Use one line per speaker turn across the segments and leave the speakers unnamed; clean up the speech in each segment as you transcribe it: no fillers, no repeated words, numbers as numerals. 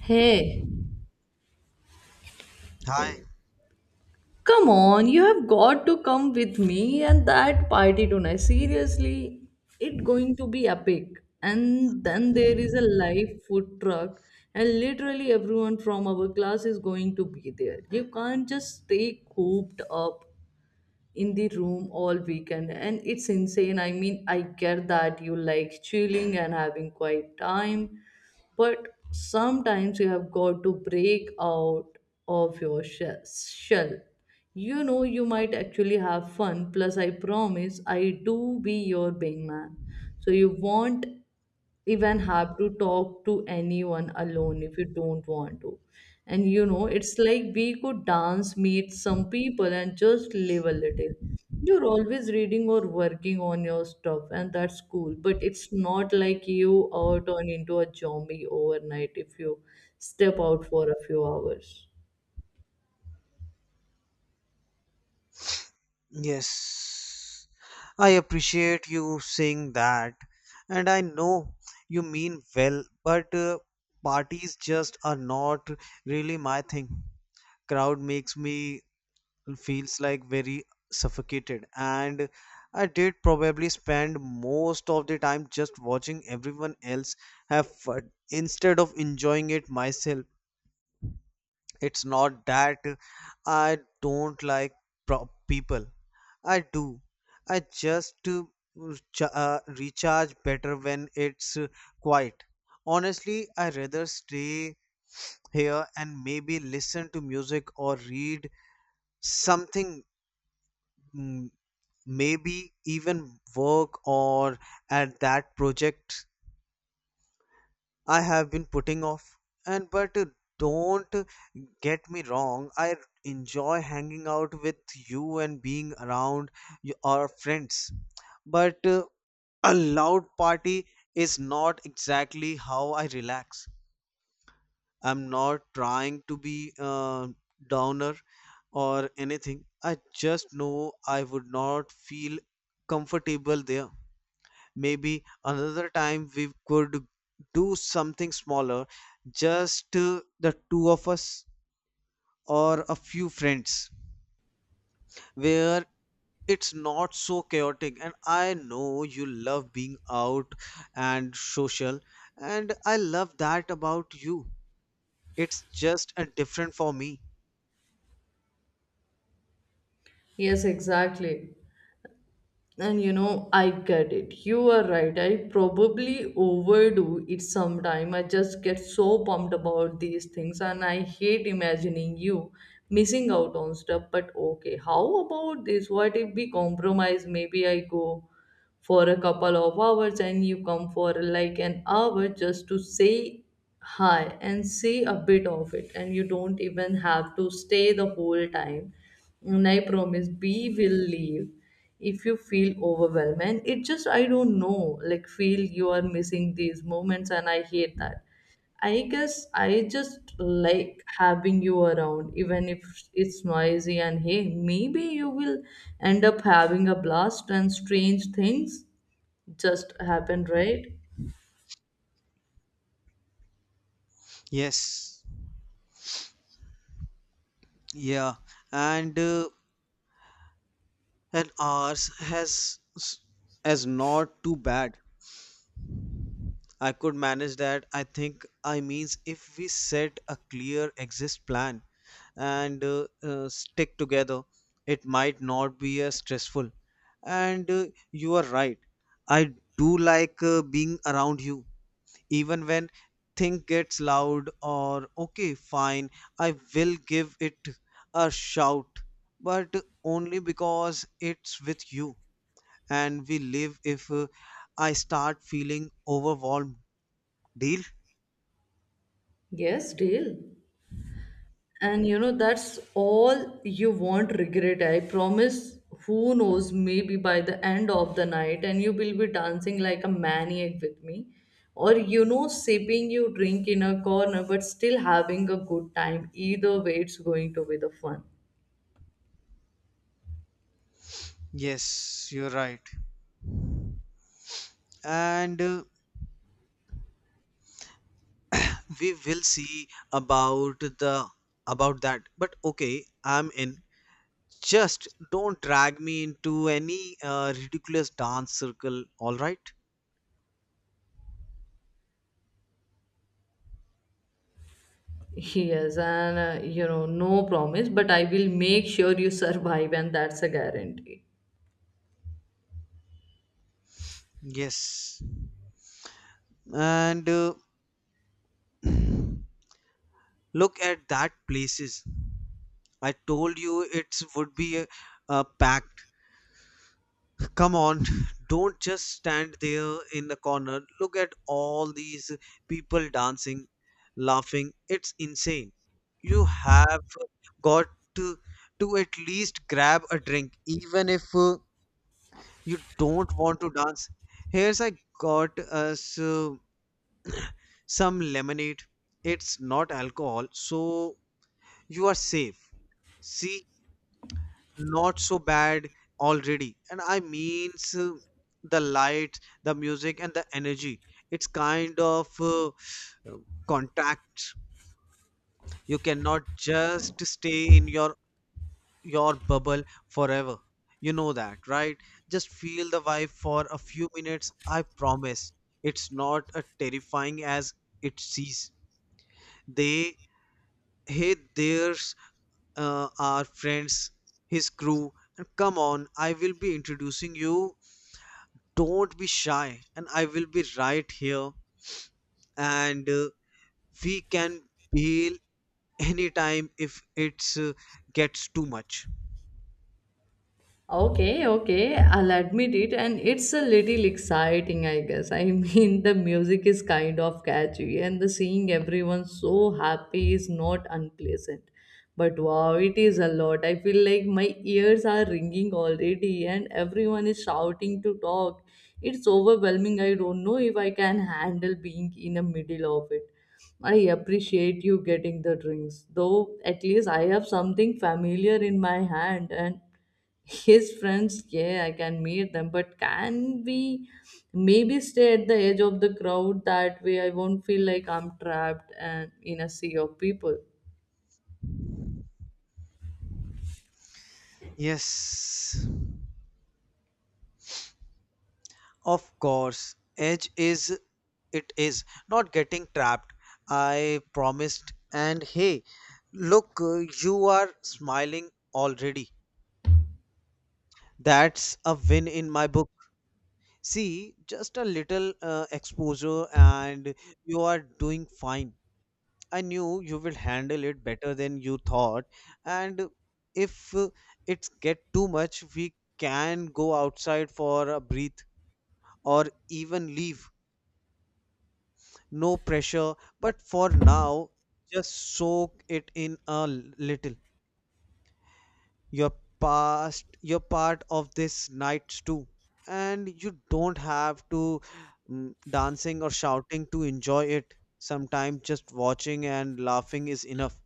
Hey,
Hi.
come on, you have got to come with me and that party tonight. Seriously, it's going to be epic. And then there is a live food truck, and literally everyone from our class is going to be there. You can't just stay cooped up in the room all weekend and it's insane. I mean, I get that you like chilling and having quiet time, but sometimes you have got to break out of your shell. You know, you might actually have fun. Plus, I promise I do be your wingman, so you won't even have to talk to anyone alone if you don't want to. And you know, it's like we could dance, meet some people, and just live a little. You're always reading or working on your stuff, and that's cool. But it's not like you are turned into a zombie overnight if you step out for a few hours.
Yes. I appreciate you saying that. And I know you mean well, but parties just are not really my thing. Crowd makes me feels like very suffocated and I did probably spend most of the time just watching everyone else have fun instead of enjoying it myself. It's not that I don't like people. I do. I just recharge better when it's quiet. Honestly, I rather stay here and maybe listen to music or read something, mm, maybe even work or at that project I have been putting off. And but don't get me wrong, I enjoy hanging out with you and being around our friends but a loud party is not exactly how I relax. I'm not trying to be a downer or anything. I just know I would not feel comfortable there. Maybe another time we could do something smaller, just the two of us or a few friends, where it's not so chaotic. And I know you love being out and social, and I love that about you. It's just a different for me.
Yes, exactly. And you know, I get it. You are right. I probably overdo it sometime. I just get so pumped about these things and I hate imagining you missing out on stuff. But okay, how about this? What if we compromise? Maybe I go for a couple of hours and you come for like an hour just to say hi and see a bit of it. And you don't even have to stay the whole time. And I promise we will leave if you feel overwhelmed. And it just, I don't know, like, feel you are missing these moments and I hate that. I guess I just like having you around even if it's noisy. And hey, maybe you will end up having a blast and strange things just happen, right?
Yes, yeah. And uh, and ours has is not too bad. I could manage that. I think I means if we set a clear exist plan and stick together, it might not be as stressful. And You are right. I do like being around you, even when thing gets loud. Or okay, fine, I will give it a shout, but only because it's with you, and we live if I start feeling overwhelmed. Deal.
Yes, deal. And you know, that's all. You won't regret, I promise. Who knows, maybe by the end of the night, and you will be dancing like a maniac with me. Or, you know, sipping your drink in a corner, but still having a good time. Either way, it's going to be the fun.
Yes, you're right. And we will see about the about that. But okay, I'm in. Just don't drag me into any ridiculous dance circle, all right?
Yes, and you know, no promise, but I will make sure you survive, and that's a guarantee.
Yes. And look at that places. I told you it would be a packed. Come on, don't just stand there in the corner. Look at all these people dancing, laughing. It's insane. You have got to, to at least grab a drink, even if you don't want to dance. Here's I got us some lemonade. It's not alcohol, so you are safe. See, not so bad already. And I means the lights, the music, and the energy. It's kind of uh, contact. You cannot just stay in your bubble forever, you know that, right? Just feel the vibe for a few minutes, I promise. It's not as terrifying as it sees. They, hey, there's our friends, his crew. And come on, I will be introducing you. Don't be shy, and I will be right here. And We can bail anytime if it's gets too much.
Okay, okay, I'll admit it, and it's a little exciting, I guess. I mean, the music is kind of catchy, and the seeing everyone so happy is not unpleasant. But wow, it is a lot. I feel like my ears are ringing already, and everyone is shouting to talk. It's overwhelming. I don't know if I can handle being in the middle of it. I appreciate you getting the drinks, though at least I have something familiar in my hand. And his friends, yeah, I can meet them. But can we maybe stay at the edge of the crowd? That way I won't feel like I'm trapped and in a sea of people.
Yes, of course. Edge is it is not getting trapped, I promised. And hey, look, you are smiling already. That's a win in my book. See, just a little exposure, and you are doing fine. I knew you will handle it better than you thought. And if it's get too much, we can go outside for a breath or even leave. No pressure. But for now, just soak it in a little. You're you're part of this night too. And you don't have to dancing or shouting to enjoy it. Sometimes just watching and laughing is enough.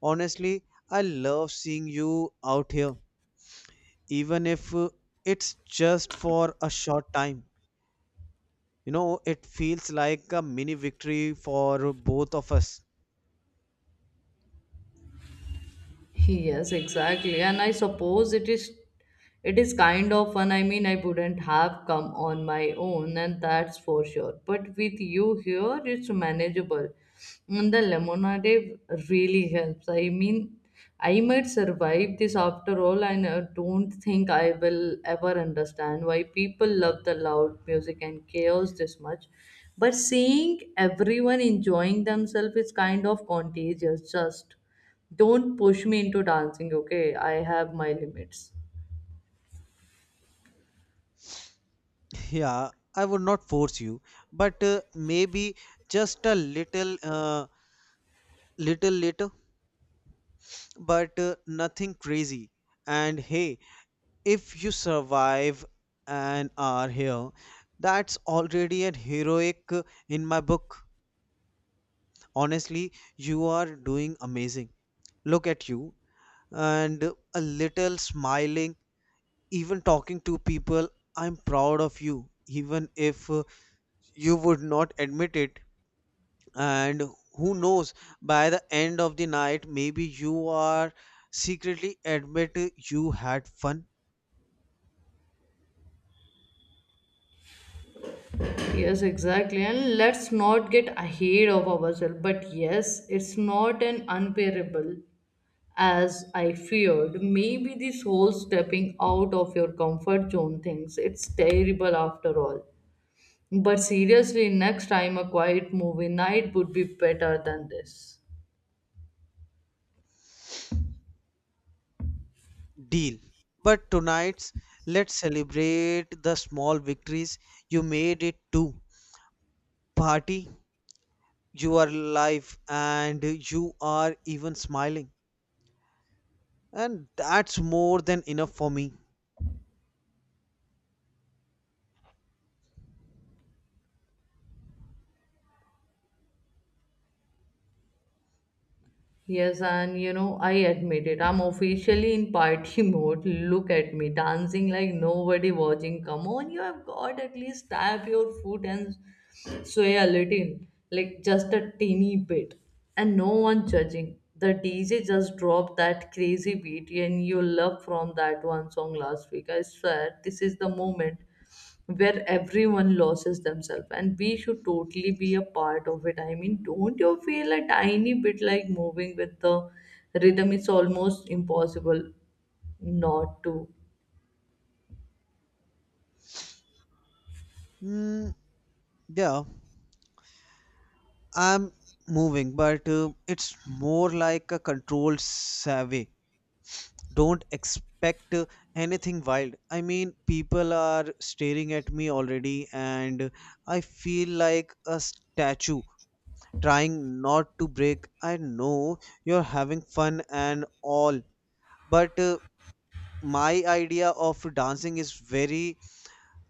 Honestly, I love seeing you out here, even if it's just for a short time. You know, it feels like a mini victory for both of us.
Yes, exactly. And I suppose it is, it is kind of fun. I mean, I wouldn't have come on my own, and that's for sure. But with you here, it's manageable. And the lemonade really helps. I mean, I might survive this after all, and I don't think I will ever understand why people love the loud music and chaos this much. But seeing everyone enjoying themselves is kind of contagious, just. Don't push me into dancing, okay? I have my limits.
Yeah, I would not force you, but maybe just a little, little later, but nothing crazy. And hey, if you survive and are here, that's already a heroic in my book. Honestly, you are doing amazing. Look at you and a little smiling, even talking to people. I'm proud of you, even if you would not admit it. And who knows, by the end of the night, maybe you are secretly admit you had fun.
Yes, exactly. And let's not get ahead of ourselves. But yes, it's not an unbearable as I feared. Maybe this whole stepping out of your comfort zone things, it's terrible after all. But seriously, next time a quiet movie night would be better than this.
Deal. But tonight's, let's celebrate the small victories. You made it too. Party, you are alive, and you are even smiling, and that's more than enough for me.
Yes, and you know, I admit it. I'm officially in party mode. Look at me dancing like nobody watching. Come on, you have got at least tap your foot and sway a little, like just a teeny bit, and no one judging. The DJ just dropped that crazy beat, and you love from that one song last week. I swear, this is the moment where everyone loses themselves and we should totally be a part of it. I mean, don't you feel a tiny bit like moving with the rhythm? It's almost impossible not to.
Mm, yeah, I'm moving, but it's more like a controlled survey. Don't expect anything wild. I mean, people are staring at me already, and I feel like a statue trying not to break. I know you're having fun and all, but my idea of dancing is very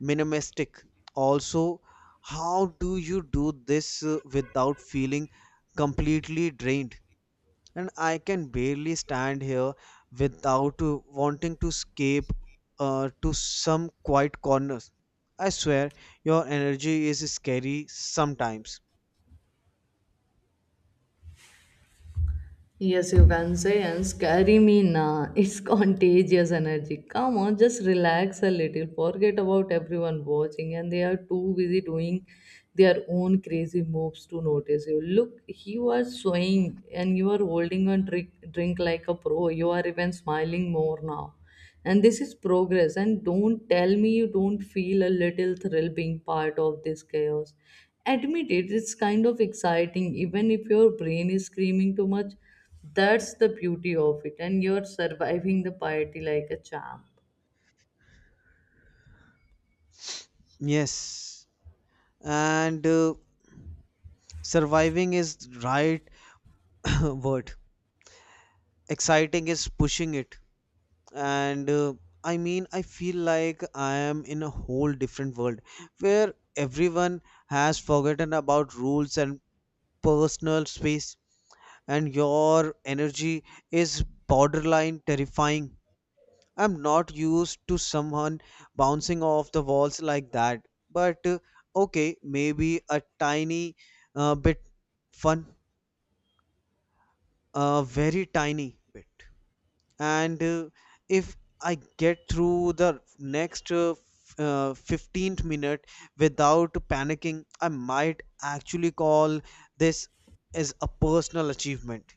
minimalistic. Also, how do you do this without feeling completely drained? And I can barely stand here without wanting to escape to some quiet corners. I swear, your energy is scary sometimes.
Yes, you can say, and scary me, nah. It's contagious energy. Come on, just relax a little. Forget about everyone watching, and they are too busy doing their own crazy moves to notice you. Look, you are swaying, and you are holding on drink like a pro. You are even smiling more now, and this is progress. And don't tell me you don't feel a little thrill being part of this chaos. Admit it, it's kind of exciting even if your brain is screaming too much. That's the beauty of it, and you're surviving the party like a champ.
Yes. And surviving is right. Word, exciting is pushing it. And I mean, I feel like I am in a whole different world where everyone has forgotten about rules and personal space. And your energy is borderline terrifying. I'm not used to someone bouncing off the walls like that, but okay, maybe a tiny bit fun, a very tiny bit. And if I get through the next 15th minute without panicking, I might actually call this as a personal achievement.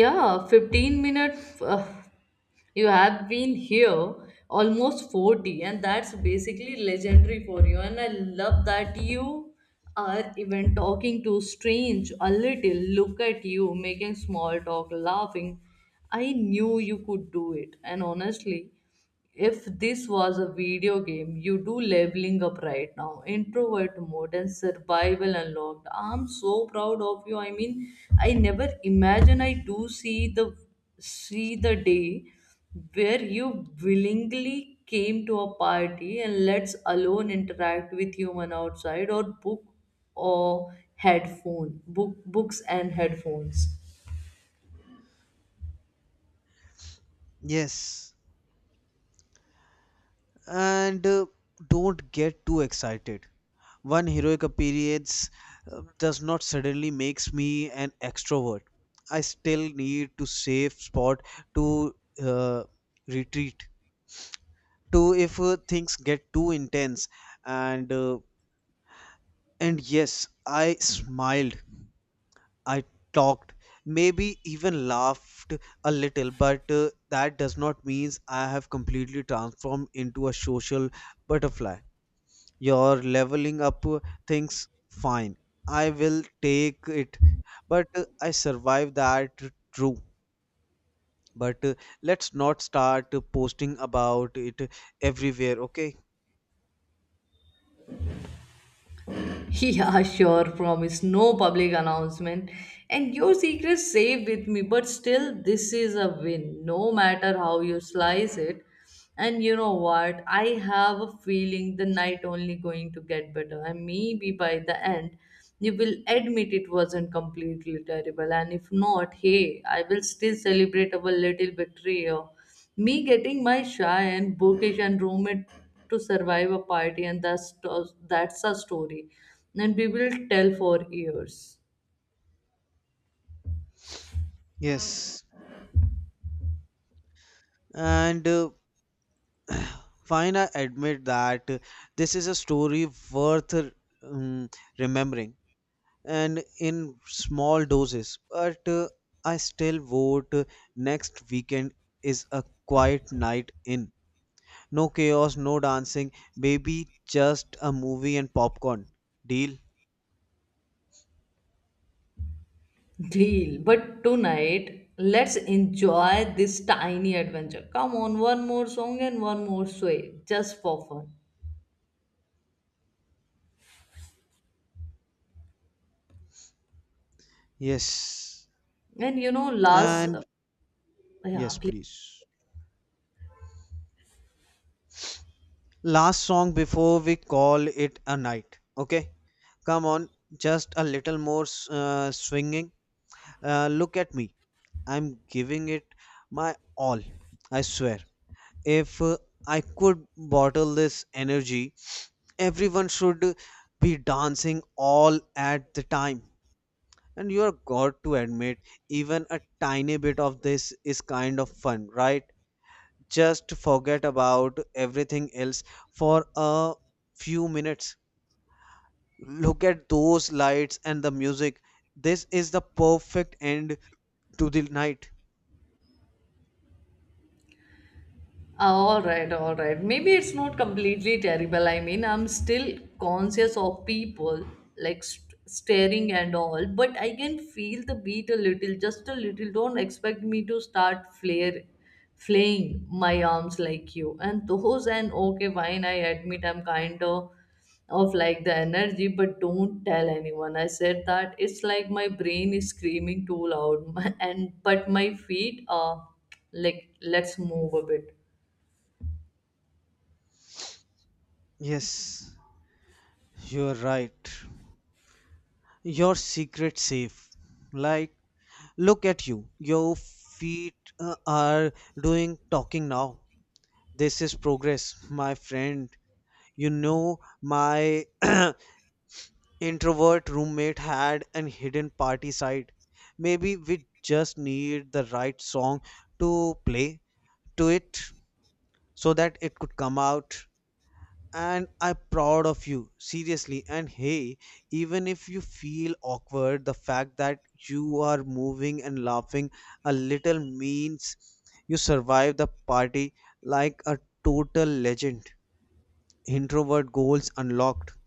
Yeah, 15 minutes. You have been here almost 40, and that's basically legendary for you. And I love that you are even talking to strange a little. Look at you making small talk, laughing. I knew you could do it. And honestly, if this was a video game, you do leveling up right now. Introvert mode and survival unlocked. I'm so proud of you. I mean, I never imagine I do see the day where you willingly came to a party and let's alone interact with human outside or book books and headphones.
Yes. And don't get too excited. One heroic appearance does not suddenly makes me an extrovert. I still need to save spot to uh, retreat to if things get too intense. and uh, And yes, I smiled, I talked, maybe even laughed a little, but that does not mean I have completely transformed into a social butterfly. You're leveling up things fine. I will take it. But I survived that, true. But let's not start posting about it everywhere, okay?
Yeah, sure, promise. No public announcement. And your secret's safe with me, but still, this is a win, no matter how you slice it. And you know what? I have a feeling the night only going to get better. And maybe by the end, you will admit it wasn't completely terrible. And if not, hey, I will still celebrate our little betrayal, me getting my shy and bookish and roommate to survive a party, and that's a story, and we will tell for years.
Yes. And fine, I admit that this is a story worth remembering and in small doses, but I still vote next weekend is a quiet night in. No chaos, no dancing, maybe just a movie and popcorn. Deal?
Deal. But tonight, let's enjoy this tiny adventure. Come on, one more song and one more sway, just for fun.
Yes.
And you know, last
And
yeah,
yes, please. Last song before we call it a night. Okay? Come on, just a little more swinging. Look at me. I'm giving it my all. I swear. If I could bottle this energy, everyone should be dancing all at the time. And you're got to admit, even a tiny bit of this is kind of fun, right? Just forget about everything else for a few minutes. Look at those lights and the music. This is the perfect end to the night.
all right, all right. Maybe it's not completely terrible. I mean, I'm still conscious of people like staring and all, but I can feel the beat a little, just a little. Don't expect me to start flaying my arms like you. And those and okay, fine. I admit I'm kind of like the energy, but don't tell anyone I said that. It's like my brain is screaming too loud, and but my feet are like let's move a bit.
Yes, you're right. Your secret safe. Like, look at you. Your feet are doing talking now. This is progress, my friend. You know, my introvert roommate had an hidden party side. Maybe we just need the right song to play to it so that it could come out. And I'm proud of you, seriously. And hey, even if you feel awkward, the fact that you are moving and laughing a little means you survived the party like a total legend. Introvert goals unlocked.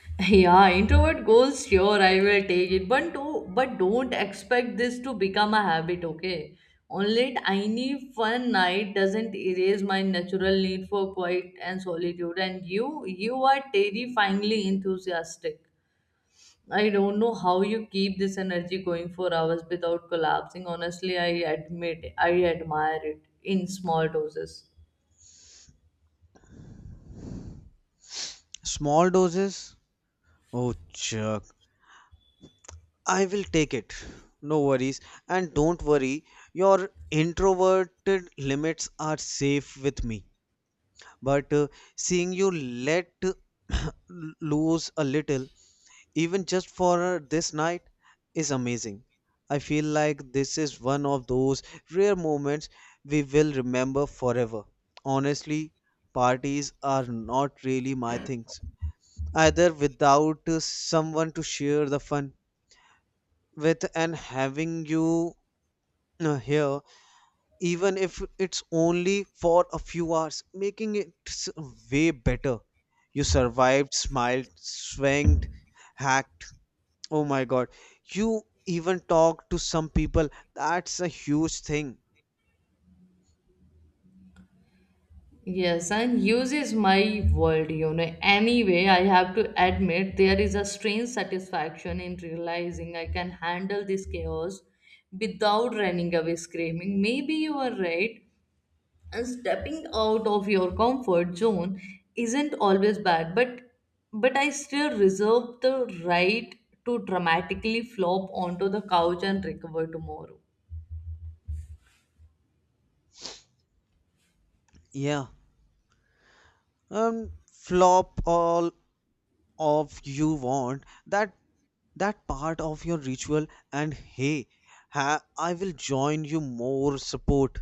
Yeah, introvert goals, sure, I will take it. But, but don't expect this to become a habit, okay? Only tiny fun night doesn't erase my natural need for quiet and solitude. And you are terrifyingly enthusiastic. I don't know how you keep this energy going for hours without collapsing. Honestly, I admire it in small doses.
Small doses, oh chuck, I will take it. No worries. And don't worry, your introverted limits are safe with me. But seeing you let loose a little, even just for this night, is amazing. I feel like this is one of those rare moments we will remember forever. Honestly, parties are not really my things either, without someone to share the fun with. And having you here, even if it's only for a few hours, making it way better. You survived, smiled, swanged, hacked. Oh my god. You even talked to some people. That's a huge thing.
Yes, and uses my word, you know. Anyway, I have to admit there is a strange satisfaction in realizing I can handle this chaos without running away screaming. Maybe you are right, and stepping out of your comfort zone isn't always bad, but I still reserve the right to dramatically flop onto the couch and recover tomorrow.
Yeah. Um, flop all of you want that, that part of your ritual. And hey, ha, I will join you more support.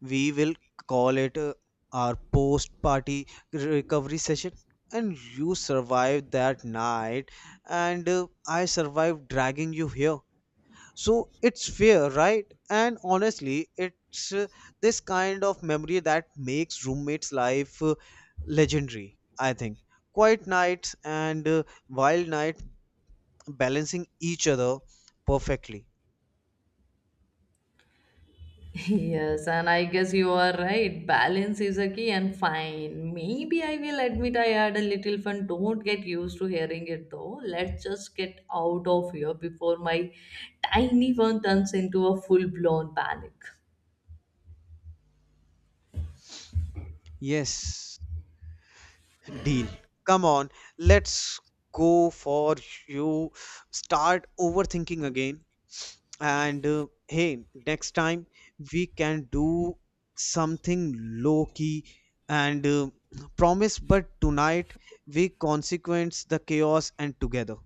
We will call it our post party recovery session. And you survived that night, and I survived dragging you here, so it's fair, right? And honestly, it's this kind of memory that makes roommates life legendary, I think. Quiet nights and wild night balancing each other perfectly.
Yes, and I guess you are right. Balance is a key and fine. Maybe I will admit I had a little fun. Don't get used to hearing it though. Let's just get out of here before my tiny one turns into a full blown panic.
Yes. Deal. Come on, let's go for you. Start overthinking again. And hey, next time we can do something low key, and promise, but tonight we consequence the chaos and together.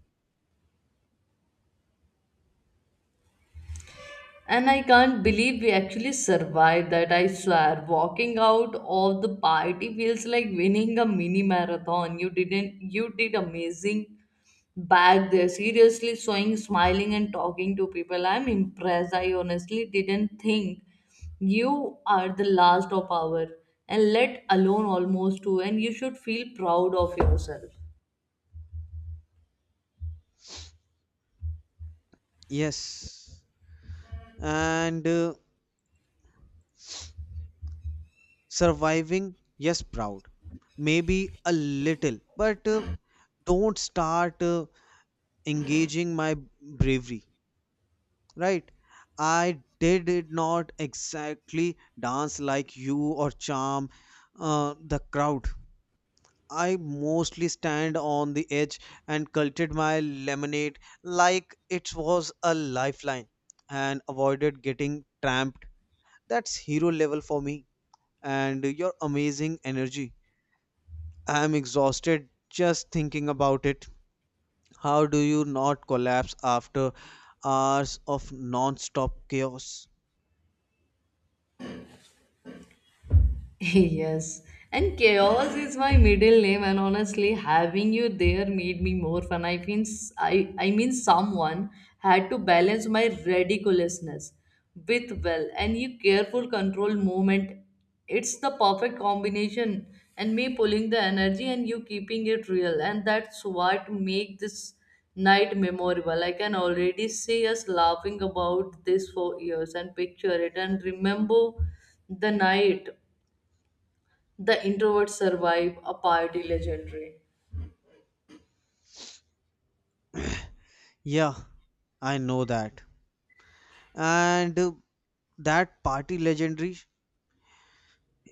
And I can't believe we actually survived that, I swear. Walking out of the party feels like winning a mini marathon. You didn't You did amazing back there. Seriously showing, smiling and talking to people. I'm impressed. I honestly didn't think you are the last of our and let alone almost two, and you should feel proud of yourself.
Yes. And surviving, yes, proud. Maybe a little, but don't start engaging my bravery. Right, I did it. Not exactly dance like you or charm the crowd. I mostly stand on the edge and culted my lemonade like it was a lifeline and avoided getting tramped. That's hero level for me. And your amazing energy, I am exhausted just thinking about it. How do you not collapse after hours of non-stop chaos?
Yes, and chaos is my middle name, and honestly, having you there made me more fun. I mean, someone had to balance my ridiculousness with well and your careful control movement. It's the perfect combination, and me pulling the energy and you keeping it real, and that's what make this night memorable. I can already see us laughing about this for years and picture it and remember the night the introverts survive a party legendary.
Yeah, I know that. And that party legendary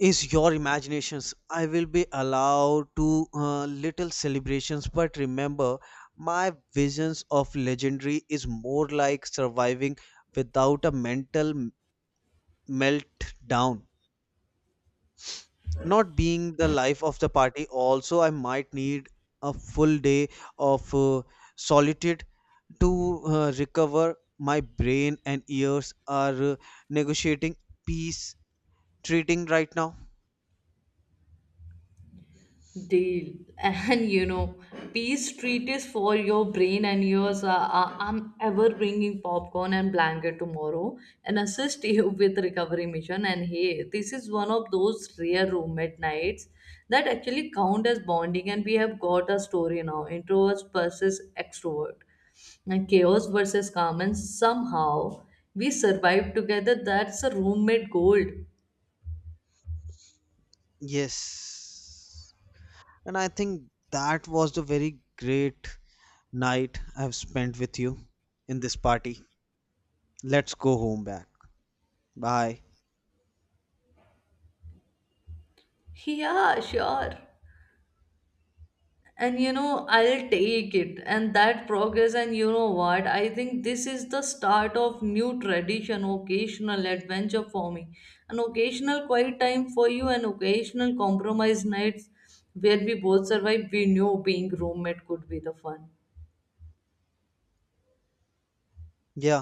is your imaginations. I will be allowed to little celebrations, but remember, my visions of legendary is more like surviving without a mental meltdown. Not being the life of the party. Also, I might need a full day of solitude to recover. My brain and ears are negotiating peace treating right now.
Deal. And you know, peace treat is for your brain and yours. I'm ever bringing popcorn and blanket tomorrow and assist you with recovery mission. And hey, this is one of those rare roommate nights that actually count as bonding and we have got a story now. Introverts versus extrovert. And chaos versus calm and somehow we survived together. That's a roommate gold.
Yes, and I think that was the very great night I've spent with you in this party. Let's go home back. Bye.
Yeah, sure. And you know, I'll take it. And that progress, and you know what? I think this is the start of new tradition, occasional adventure for me. An occasional quiet time for you, and occasional compromise nights where we both survive. We knew being roommate could be the fun.
Yeah.